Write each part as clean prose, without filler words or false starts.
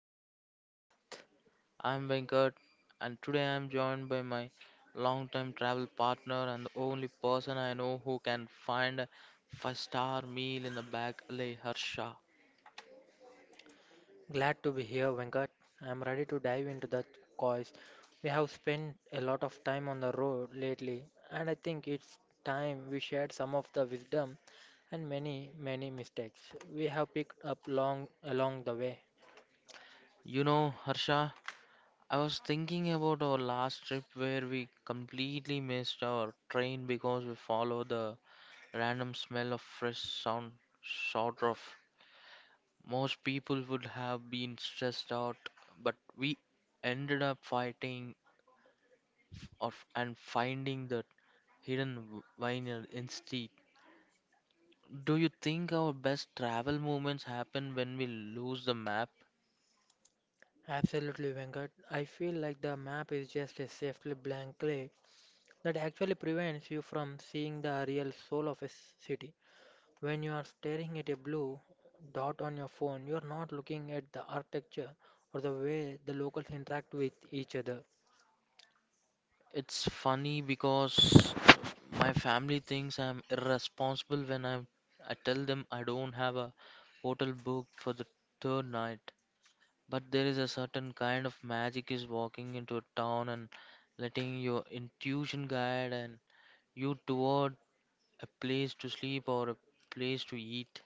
Unplanned Path. I'm Venkat, and today I'm joined by my longtime travel partner and the only person I know who can find a five-star meal in the back alley, Harsha. Glad to be here, Venkat. I'm ready to dive into the cause. We have spent a lot of time on the road lately, and I think it's time we shared some of the wisdom and many, many mistakes we have picked up long along the way. You know, Harsha, I was thinking about our last trip where we completely missed our train because we followed the random smell of fresh sound short of. Most people would have been stressed out, but we ended up fighting or and finding the hidden vinyl instead. Do you think our best travel moments happen when we lose the map? Absolutely, Venkat. I feel like the map is just a safely blank clay that actually prevents you from seeing the real soul of a city. When you are staring at a blue dot on your phone, you are not looking at the architecture or the way the locals interact with each other. It's funny because my family thinks I'm irresponsible when I tell them I don't have a hotel booked for the third night. But there is a certain kind of magic is walking into a town, and letting your intuition guide and you toward a place to sleep or a place to eat.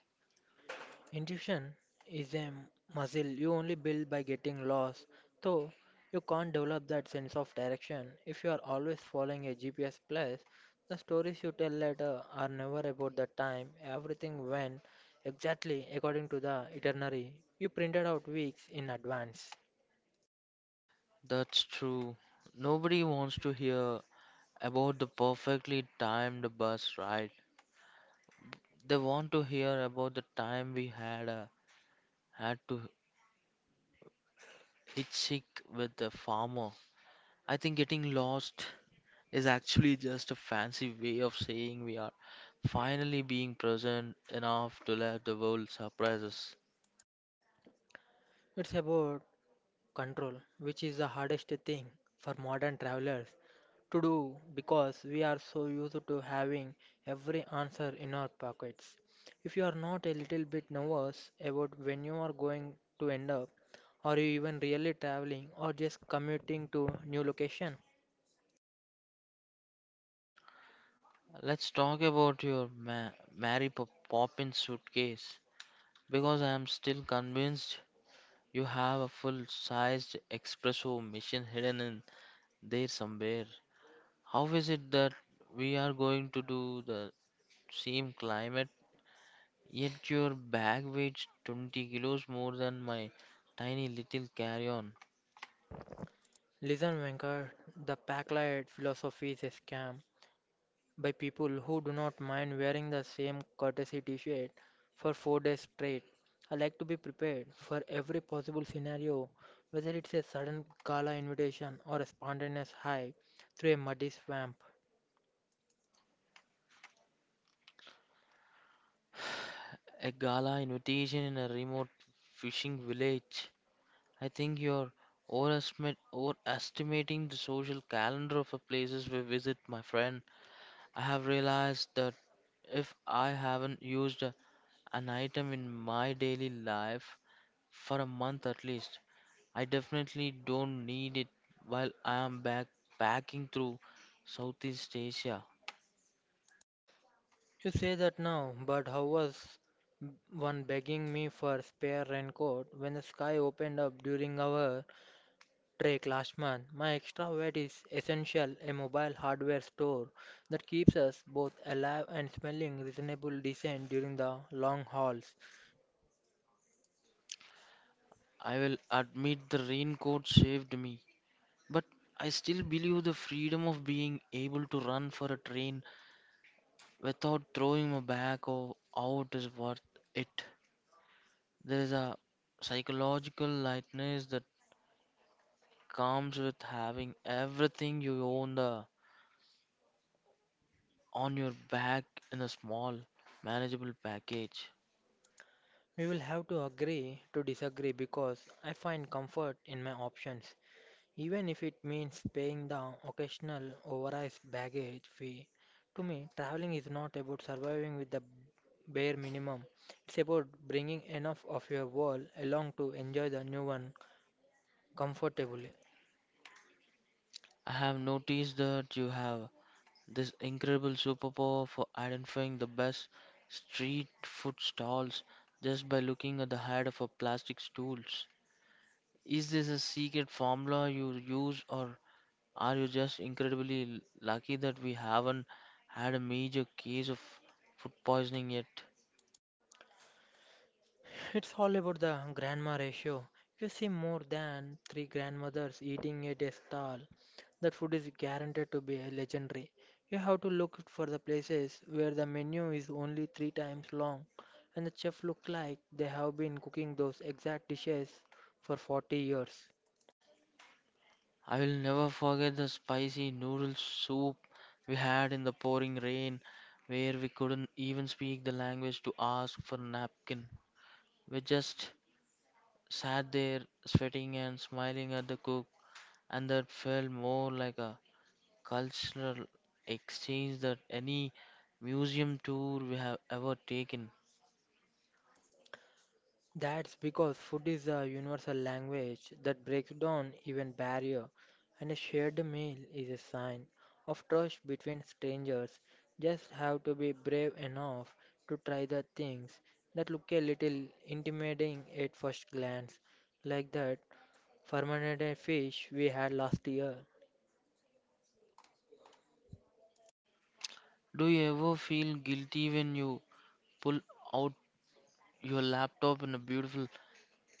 Intuition is a muscle you only build by getting lost, so you can't develop that sense of direction if you are always following a GPS plus. The stories you tell later are never about the time everything went exactly according to the itinerary you printed out weeks in advance. That's true. Nobody wants to hear about the perfectly timed bus ride. They want to hear about the time we had to hitchhike with the farmer. I think getting lost is actually just a fancy way of saying we are finally being present enough to let the world surprise us. It's about control, which is the hardest thing for modern travelers to do because we are so used to having every answer in our pockets. If you are not a little bit nervous about when you are going to end up, or you even really traveling or just commuting to new location, Let's talk about your Mary Poppins suitcase, because I am still convinced you have a full sized espresso machine hidden in there somewhere. How is it that we are going to do the same climate, yet your bag weighs 20 kilos more than my tiny little carry on? listen, Venkat, the packlight philosophy is a scam by people who do not mind wearing the same courtesy t shirt for 4 days straight. I like to be prepared for every possible scenario, whether it's a sudden gala invitation or a spontaneous hike through a muddy swamp. A gala invitation in a remote fishing village. I think you're overestimating the social calendar of the places we visit, my friend. I have realized that if I haven't used an item in my daily life for a month at least, I definitely don't need it while I am backpacking through Southeast Asia. You say that now, but how was one begging me for spare raincoat when the sky opened up during our Drake last month? My extra vet is essential, a mobile hardware store that keeps us both alive and smelling reasonable decent during the long hauls. I will admit, the raincoat saved me. But I still believe the freedom of being able to run for a train without throwing my back or out is worth it. There is a psychological lightness that comes with having everything you own the on your back, in a small, manageable package. We will have to agree to disagree because I find comfort in my options, even if it means paying the occasional overpriced baggage fee. To me, traveling is not about surviving with the bare minimum. It's about bringing enough of your world along to enjoy the new one comfortably. I have noticed that you have this incredible superpower for identifying the best street food stalls just by looking at the head of a plastic stools. Is this a secret formula you use, or are you just incredibly lucky that we haven't had a major case of food poisoning yet? It's all about the grandma ratio. You see more than three grandmothers eating at a stall. That food is guaranteed to be legendary. You have to look for the places where the menu is only three times long and the chef look like they have been cooking those exact dishes for 40 years. I will never forget the spicy noodle soup we had in the pouring rain, where we couldn't even speak the language to ask for a napkin. We just sat there, sweating and smiling at the cook, and that felt more like a cultural exchange that any museum tour we have ever taken. That's because food is a universal language that breaks down even barrier, and a shared meal is a sign of trust between strangers. Just have to be brave enough to try the things that look a little intimidating at first glance, like that fermented fish we had last year. Do you ever feel guilty when you pull out your laptop in a beautiful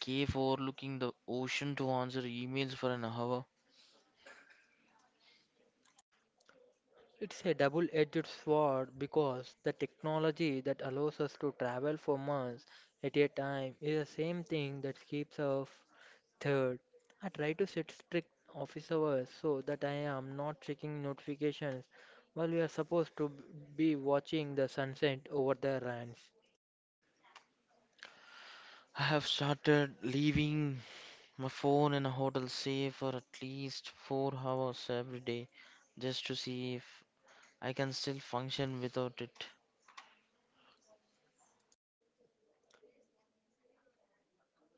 cave overlooking the ocean to answer emails for an hour? It's a double-edged sword because the technology that allows us to travel for months at a time is the same thing that keeps us third. I try to set strict office hours so that I am not checking notifications while we are supposed to be watching the sunset over the ranch. I have started leaving my phone in a hotel safe for at least 4 hours every day, just to see if I can still function without it.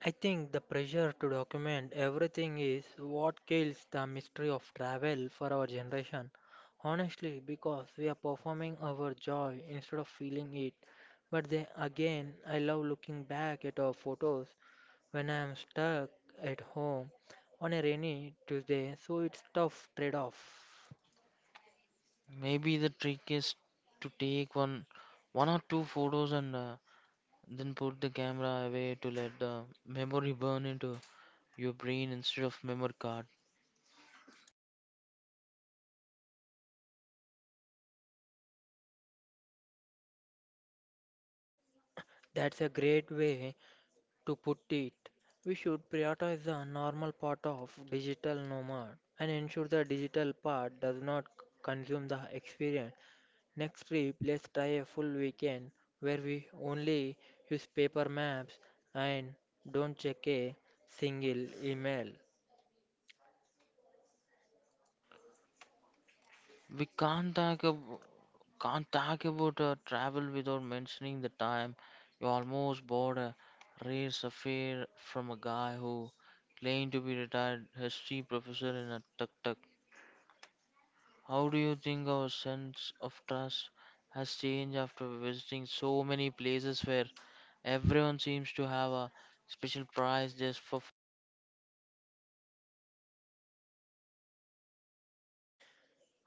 I think the pressure to document everything is what kills the mystery of travel for our generation. Honestly, because we are performing our joy instead of feeling it. But then again, I love looking back at our photos when I am stuck at home on a rainy Tuesday, so it's tough trade-off. Maybe the trick is to take one or two photos, and then put the camera away to let the memory burn into your brain instead of memory card. That's a great way to put it. We should prioritize the normal part of digital nomad and ensure the digital part does not consume the experience. Next trip, let's try a full weekend where we only use paper maps and don't check a single email. We can't talk about travel without mentioning the time you almost bought a rare sapphire from a guy who claimed to be retired history professor in a tuk-tuk. How do you think our sense of trust has changed after visiting so many places where everyone seems to have a special price just for.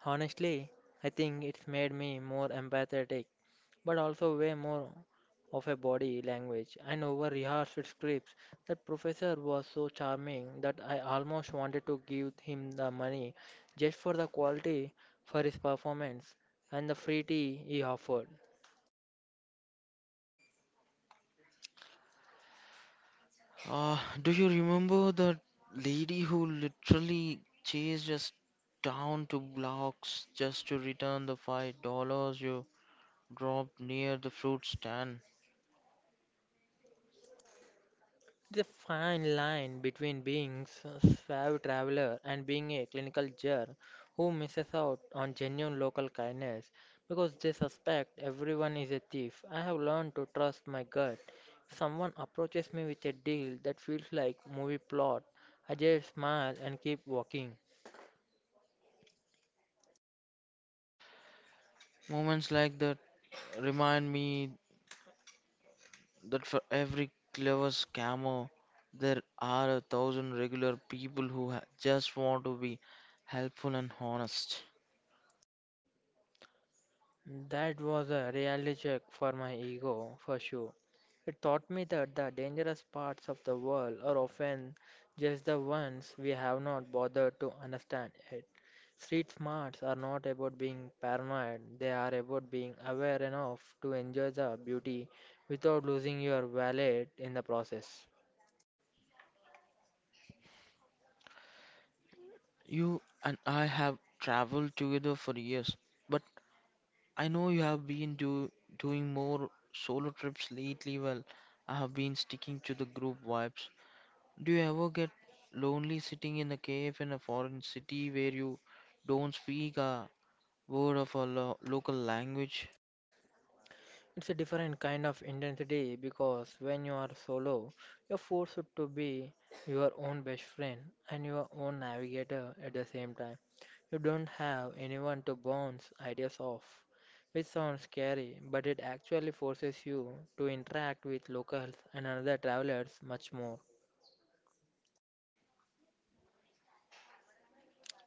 Honestly, I think it's made me more empathetic but also way more of a body language and over rehearsed scripts. That professor was so charming that I almost wanted to give him the money just for the quality for his performance and the free tea he offered. Do you remember the lady who literally chased us down two blocks just to return the $5 you dropped near the fruit stand? The fine line between being a suave traveler and being a clinical jerk who misses out on genuine local kindness because they suspect everyone is a thief. I have learned to trust my gut. If someone approaches me with a deal that feels like movie plot, I just smile and keep walking. Moments like that remind me that, for every clever scammer, there are a thousand regular people who just want to be helpful and honest. That was a reality check for my ego, for sure. It taught me that the dangerous parts of the world are often just the ones we have not bothered to understand yet. Street smarts are not about being paranoid, they are about being aware enough to enjoy the beauty without losing your wallet in the process. You and I have traveled together for years, but I know you have been doing more solo trips lately. Well, I have been sticking to the group vibes. Do you ever get lonely sitting in a cave in a foreign city where you don't speak a word of a local language? It's a different kind of intensity because when you are solo, you're forced to be your own best friend and your own navigator at the same time. You don't have anyone to bounce ideas off, which sounds scary, but it actually forces you to interact with locals and other travelers much more.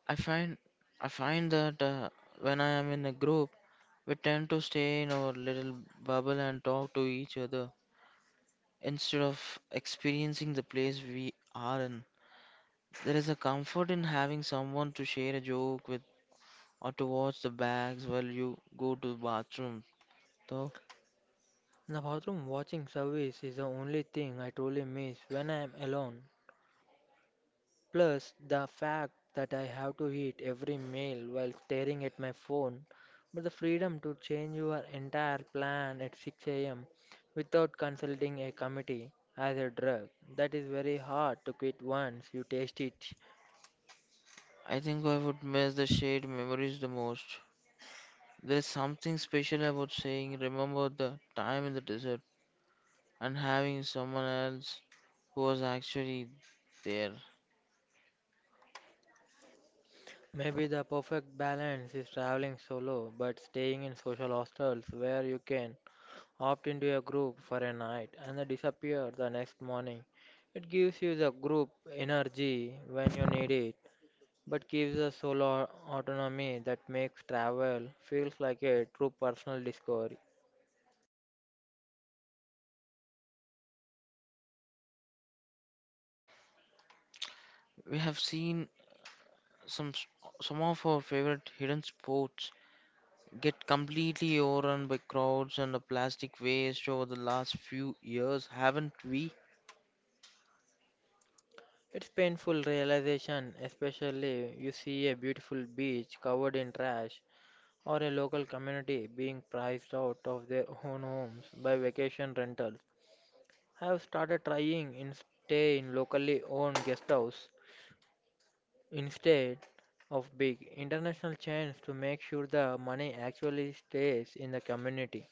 I find I find that when I am in a group, we tend to stay in our little bubble and talk to each other instead of experiencing the place we are in. There is a comfort in having someone to share a joke with, or to watch the bags while you go to the bathroom. Though. The bathroom watching service is the only thing I truly miss when I am alone. Plus, the fact that I have to eat every meal while staring at my phone, but the freedom to change your entire plan at 6 a.m. without consulting a committee as a drug, that is very hard to quit once you taste it. I think I would miss the shared memories the most. There's something special about saying, remember the time in the desert, and having someone else who was actually there. Maybe the perfect balance is traveling solo but staying in social hostels where you can opt into a group for a night and then disappear the next morning. It gives you the group energy when you need it but gives us solo autonomy that makes travel feels like a true personal discovery. We have seen some s- some of our favorite hidden sports get completely overrun by crowds and the plastic waste over the last few years, haven't we? It's painful realization, especially you see a beautiful beach covered in trash or a local community being priced out of their own homes by vacation rentals. I have started trying in stay in locally owned guest house instead of big international chains to make sure the money actually stays in the community.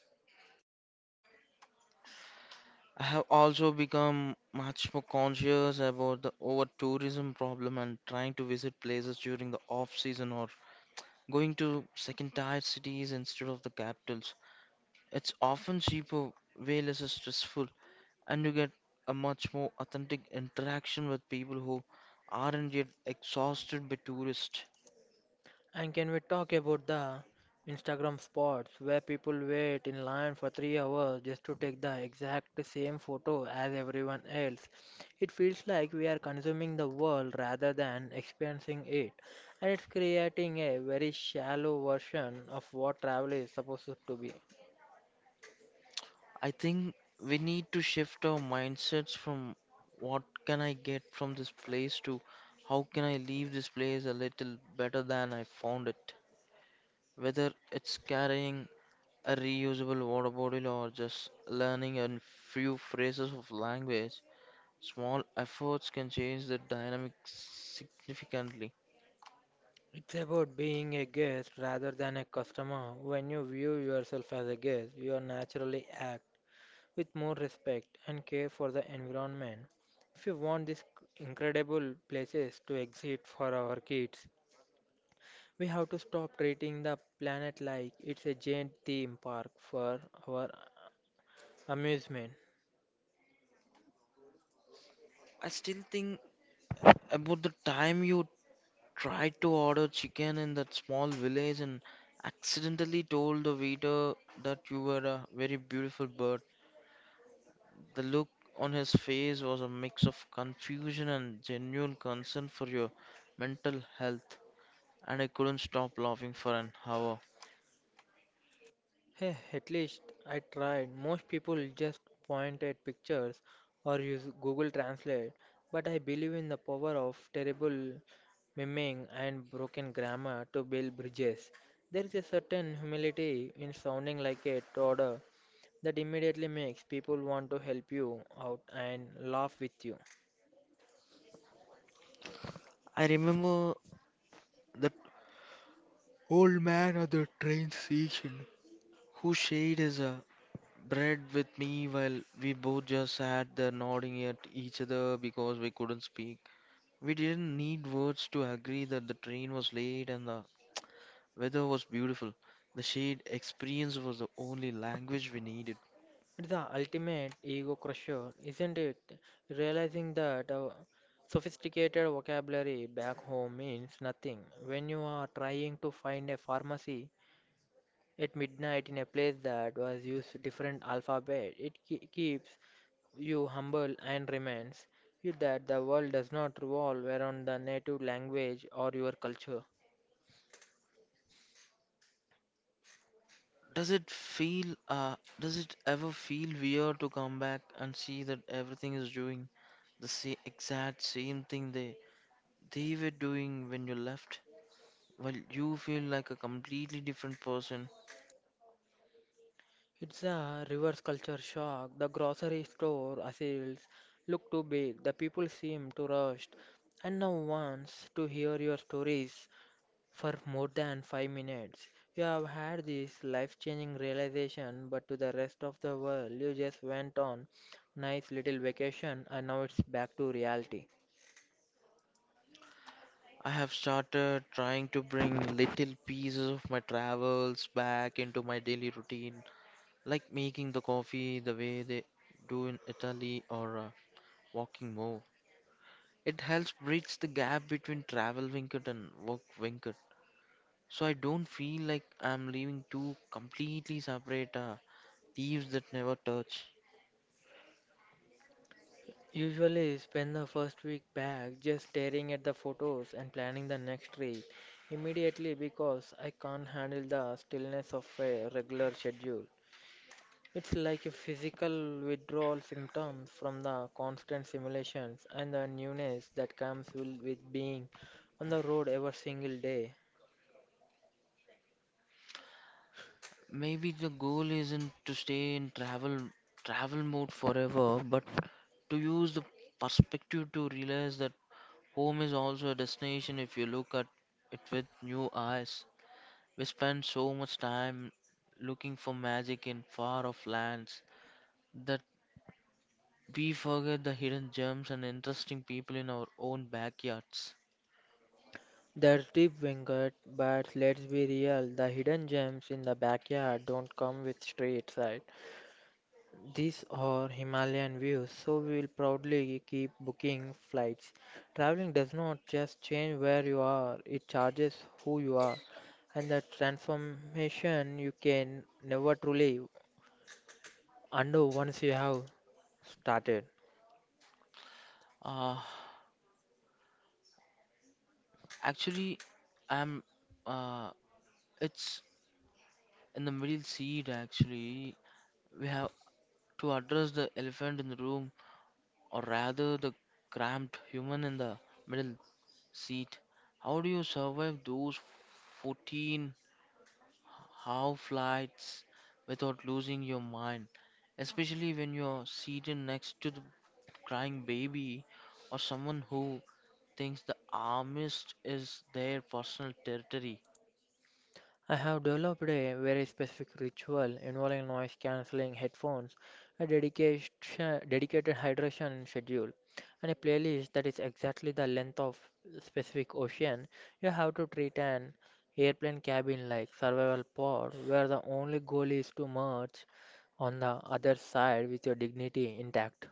I have also become much more conscious about the over tourism problem, and trying to visit places during the off season, or going to second tier cities instead of the capitals. It's often cheaper, way less stressful, and you get a much more authentic interaction with people who aren't yet exhausted by tourists. And can we talk about the Instagram spots where people wait in line for 3 hours just to take the exact same photo as everyone else? It feels like we are consuming the world rather than experiencing it, and it's creating a very shallow version of what travel is supposed to be. I think we need to shift our mindsets from what can I get from this place, to how can I leave this place a little better than I found it. Whether it's carrying a reusable water bottle or just learning a few phrases of language, small efforts can change the dynamic significantly. It's about being a guest rather than a customer. When you view yourself as a guest, you naturally act with more respect and care for the environment. If we want these incredible places to exist for our kids, we have to stop treating the planet like it's a giant theme park for our amusement. I still think about the time you tried to order chicken in that small village and accidentally told the waiter that you were a very beautiful bird. The look on his face was a mix of confusion and genuine concern for your mental health, and I couldn't stop laughing for an hour. Hey, at least I tried. Most people just point at pictures or use Google Translate, but I believe in the power of terrible miming and broken grammar to build bridges. There is a certain humility in sounding like a toddler that immediately makes people want to help you out and laugh with you. I remember that old man at the train station who shared his bread with me, while we both just sat there nodding at each other because we couldn't speak. We didn't need words to agree that the train was late and the weather was beautiful. The shared experience was the only language we needed. It's the ultimate ego crusher, isn't it? Realizing that sophisticated vocabulary back home means nothing when you are trying to find a pharmacy at midnight in a place that was used different alphabet. It keeps you humble and reminds you that the world does not revolve around the native language or your culture. Does it ever feel weird to come back and see that everything is doing the same, exact same thing they were doing when you left? While you feel like a completely different person. It's a reverse culture shock. The grocery store aisles look too big. The people seem too rushed. And now wants to hear your stories for more than 5 minutes. You have had this life-changing realization, but to the rest of the world, you just went on nice little vacation, and now it's back to reality. I have started trying to bring little pieces of my travels back into my daily routine, like making the coffee the way they do in Italy, or walking more. It helps bridge the gap between travel vineyard and work vineyard. So I don't feel like I'm leaving two completely separate thieves that never touch. Usually spend the first week back just staring at the photos and planning the next trip immediately because I can't handle the stillness of a regular schedule. It's like a physical withdrawal symptoms from the constant simulations and the newness that comes with being on the road every single day. Maybe the goal isn't to stay in travel mode forever, but to use the perspective to realize that home is also a destination if you look at it with new eyes. We spend so much time looking for magic in far off lands, that we forget the hidden gems and interesting people in our own backyards. That's deep, Venkat, but let's be real, the hidden gems in the backyard don't come with street side. These are Himalayan views, so we will proudly keep booking flights. Traveling does not just change where you are, it charges who you are, and the transformation you can never truly undo once you have started. Uh, actually, I'm. Uh, it's in the middle seat, actually. We have to address the elephant in the room, or rather, the cramped human in the middle seat. How do you survive those 14 how flights without losing your mind, especially when you're seated next to the crying baby or someone who thinks the armist is their personal territory? I have developed a very specific ritual involving noise cancelling headphones, a dedicated hydration schedule, and a playlist that is exactly the length of specific ocean. You have to treat an airplane cabin like survival pod where the only goal is to merge on the other side with your dignity intact.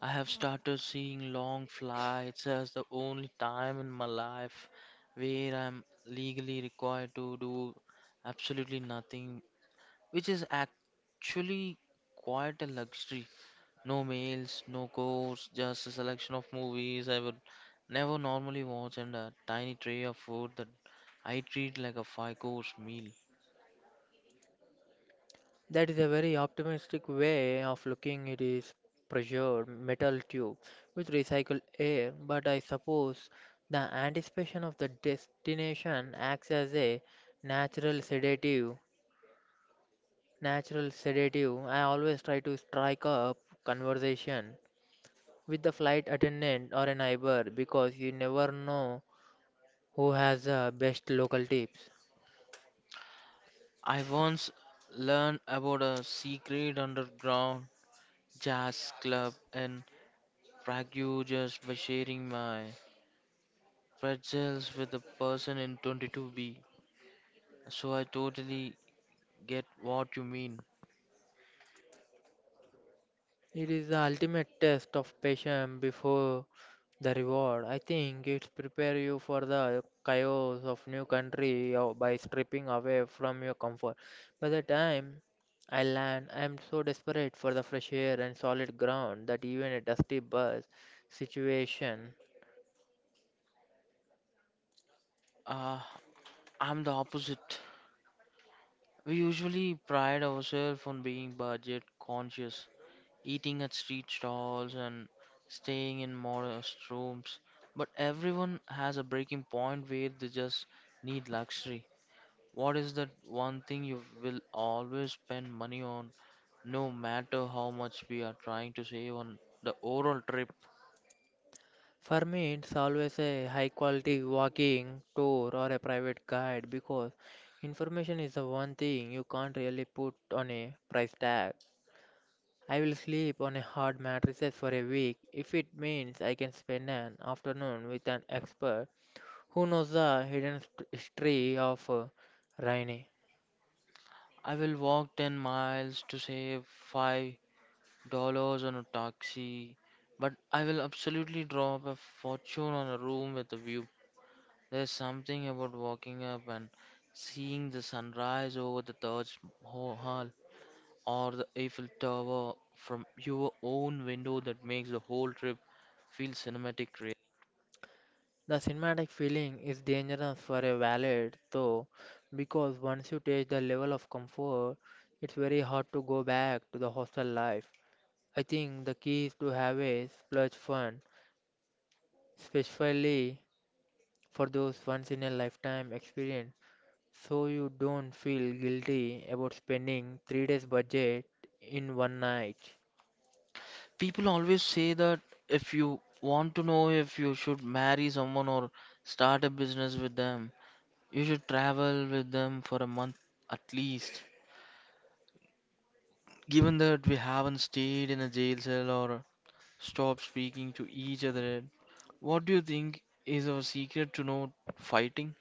I have started seeing long flights as the only time in my life where I'm legally required to do absolutely nothing, which is actually quite a luxury. No mails, no course, just a selection of movies I would never normally watch, and a tiny tray of food that I treat like a five-course meal. That is a very optimistic way of looking it is pressured metal tube with recycled air, but I suppose the anticipation of the destination acts as a natural sedative. Natural sedative. I always try to strike up conversation with the flight attendant or a neighbor because you never know who has the best local tips. I once learned about a secret underground jazz club in Prague just by sharing my pretzels with a person in 22B. So I totally get what you mean. It is the ultimate test of patience before the reward. I think it prepares you for the chaos of new country by stripping away from your comfort. By the time I land, I am so desperate for the fresh air and solid ground that even a dusty bus situation. Uh, I'm the opposite. We usually pride ourselves on being budget conscious, eating at street stalls and staying in modest rooms. But everyone has a breaking point where they just need luxury. What is that one thing you will always spend money on, no matter how much we are trying to save on the overall trip? For me, it's always a high quality walking tour or a private guide because information is the one thing you can't really put on a price tag. I will sleep on a hard mattress for a week if it means I can spend an afternoon with an expert who knows the hidden history of Rhine. I will walk 10 miles to save $5 on a taxi, but I will absolutely drop a fortune on a room with a view. There's something about walking up and seeing the sunrise over the Taj Mahal or the Eiffel Tower from your own window that makes the whole trip feel cinematic. Really. The cinematic feeling is dangerous for a valet though, because once you taste the level of comfort, it's very hard to go back to the hostel life. I think the key is to have a splurge fund, especially for those once in a lifetime experience. So you don't feel guilty about spending 3 days budget in one night. People always say that if you want to know if you should marry someone or start a business with them, you should travel with them for a month at least. Given that we haven't stayed in a jail cell or stop speaking to each other. What do you think is our secret to not fighting?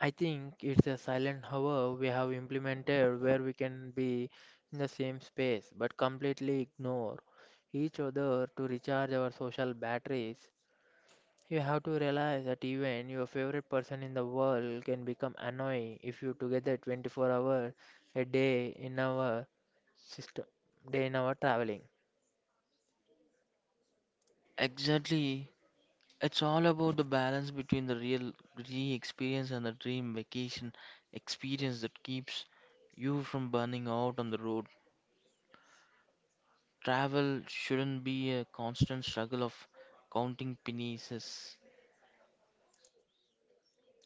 I think it's a silent hour we have implemented where we can be in the same space but completely ignore each other to recharge our social batteries. You have to realize that even your favorite person in the world can become annoying if you together 24 hours a day system, in our traveling. Exactly. It's all about the balance between the real re experience and the dream vacation experience that keeps you from burning out on the road. Travel shouldn't be a constant struggle of counting pennies.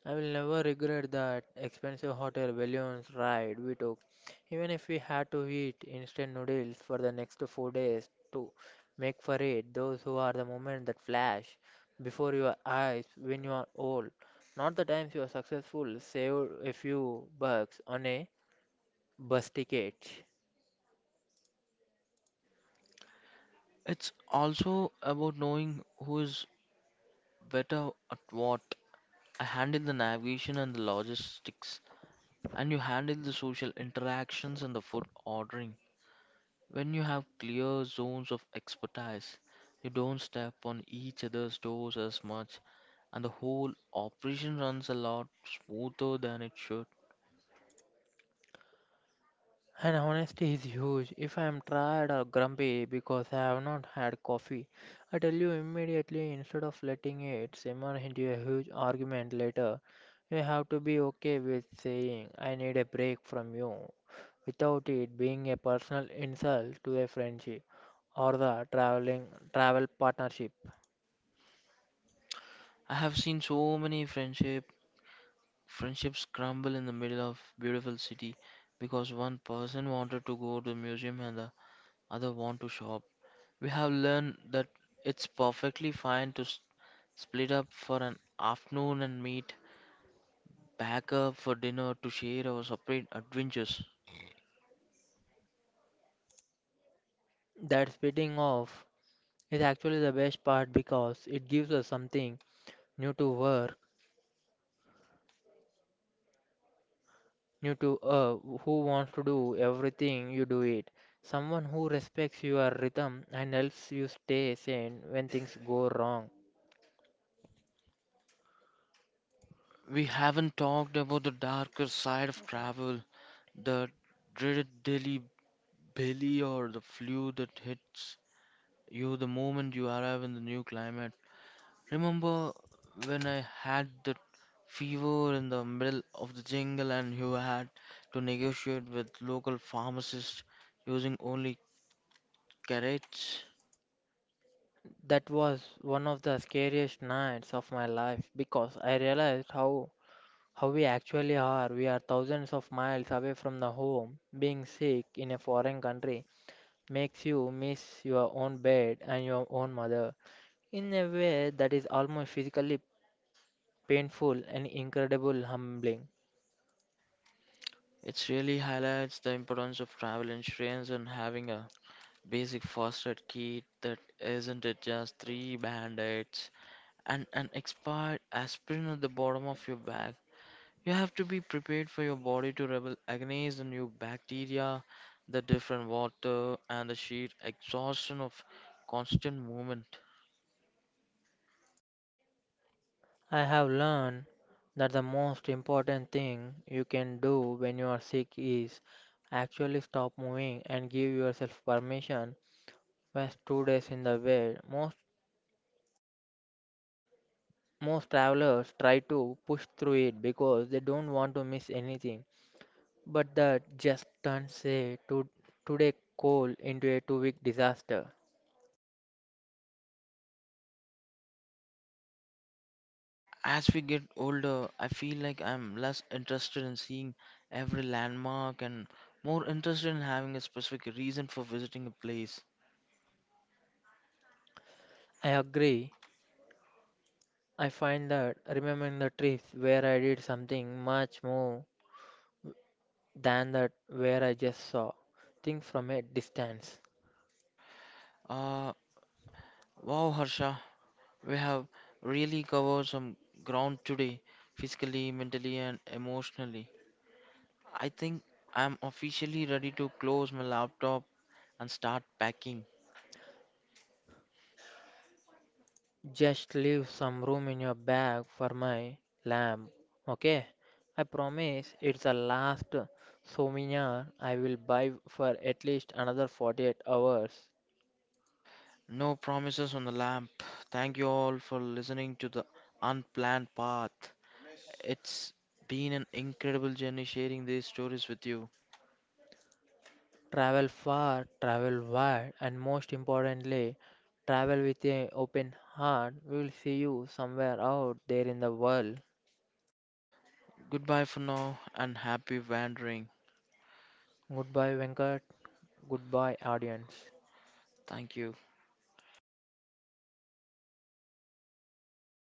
I will never regret that expensive hotel balloons ride we took, even if we had to eat instant noodles for the next 4 days to make for it. Those who are the moments that flash before your eyes when you are old, not the times you are successful, saved a few bucks on a bus ticket. It's also about knowing who is better at what. I handle the navigation and the logistics, and you handle the social interactions and the food ordering. When you have clear zones of expertise, you don't step on each other's toes as much, and the whole operation runs a lot smoother than it should. And honesty is huge. If I am tired or grumpy because I have not had coffee, I tell you immediately instead of letting it simmer into a huge argument later. You have to be okay with saying, I need a break from you, without it being a personal insult to a friendship or the travel partnership. I have seen so many friendships crumble in the middle of beautiful city, because one person wanted to go to the museum and the other want to shop. We have learned that it's perfectly fine to split up for an afternoon and meet back up for dinner to share our separate adventures. That splitting off is actually the best part because it gives us something new to wear you to, who wants to do everything you do it someone who respects your rhythm and helps you stay sane when things go wrong. We haven't talked about the darker side of travel, the dreaded Delhi belly, or the flu that hits you the moment you arrive in the new climate. Remember when I had that fever in the middle of the jungle and you had to negotiate with local pharmacists using only carrots? That was one of the scariest nights of my life because I realized how we actually are. We are thousands of miles away from the home. Being sick in a foreign country makes you miss your own bed and your own mother in a way that is almost physically painful and incredible humbling. It really highlights the importance of travel insurance and having a basic first aid kit that isn't it just three band-aids and an expired aspirin at the bottom of your bag. You have to be prepared for your body to rebel against the new bacteria, the different water, and the sheer exhaustion of constant movement. I have learned that the most important thing you can do when you are sick is actually stop moving and give yourself permission rest 2 days in the bed. Most travelers try to push through it because they don't want to miss anything. But that just turns a two-day call into a 2 week disaster. As we get older, I feel like I'm less interested in seeing every landmark and more interested in having a specific reason for visiting a place. I agree. I find that remembering the trips where I did something much more than that where I just saw. Think from a distance. Uh, wow, Harsha. We have really covered some ground today, physically, mentally, and emotionally. I think I'm officially ready to close my laptop and start packing. Just leave some room in your bag for my lamb, okay? I promise it's the last souvenir I will buy for at least another 48 hours. No promises on the lamp. Thank you all for listening to The Unplanned Path. It's been an incredible journey sharing these stories with you. Travel far, travel wide, and most importantly, travel with an open heart. We will see you somewhere out there in the world. Goodbye for now, and happy wandering. Goodbye, Venkat. Goodbye, audience. Thank you.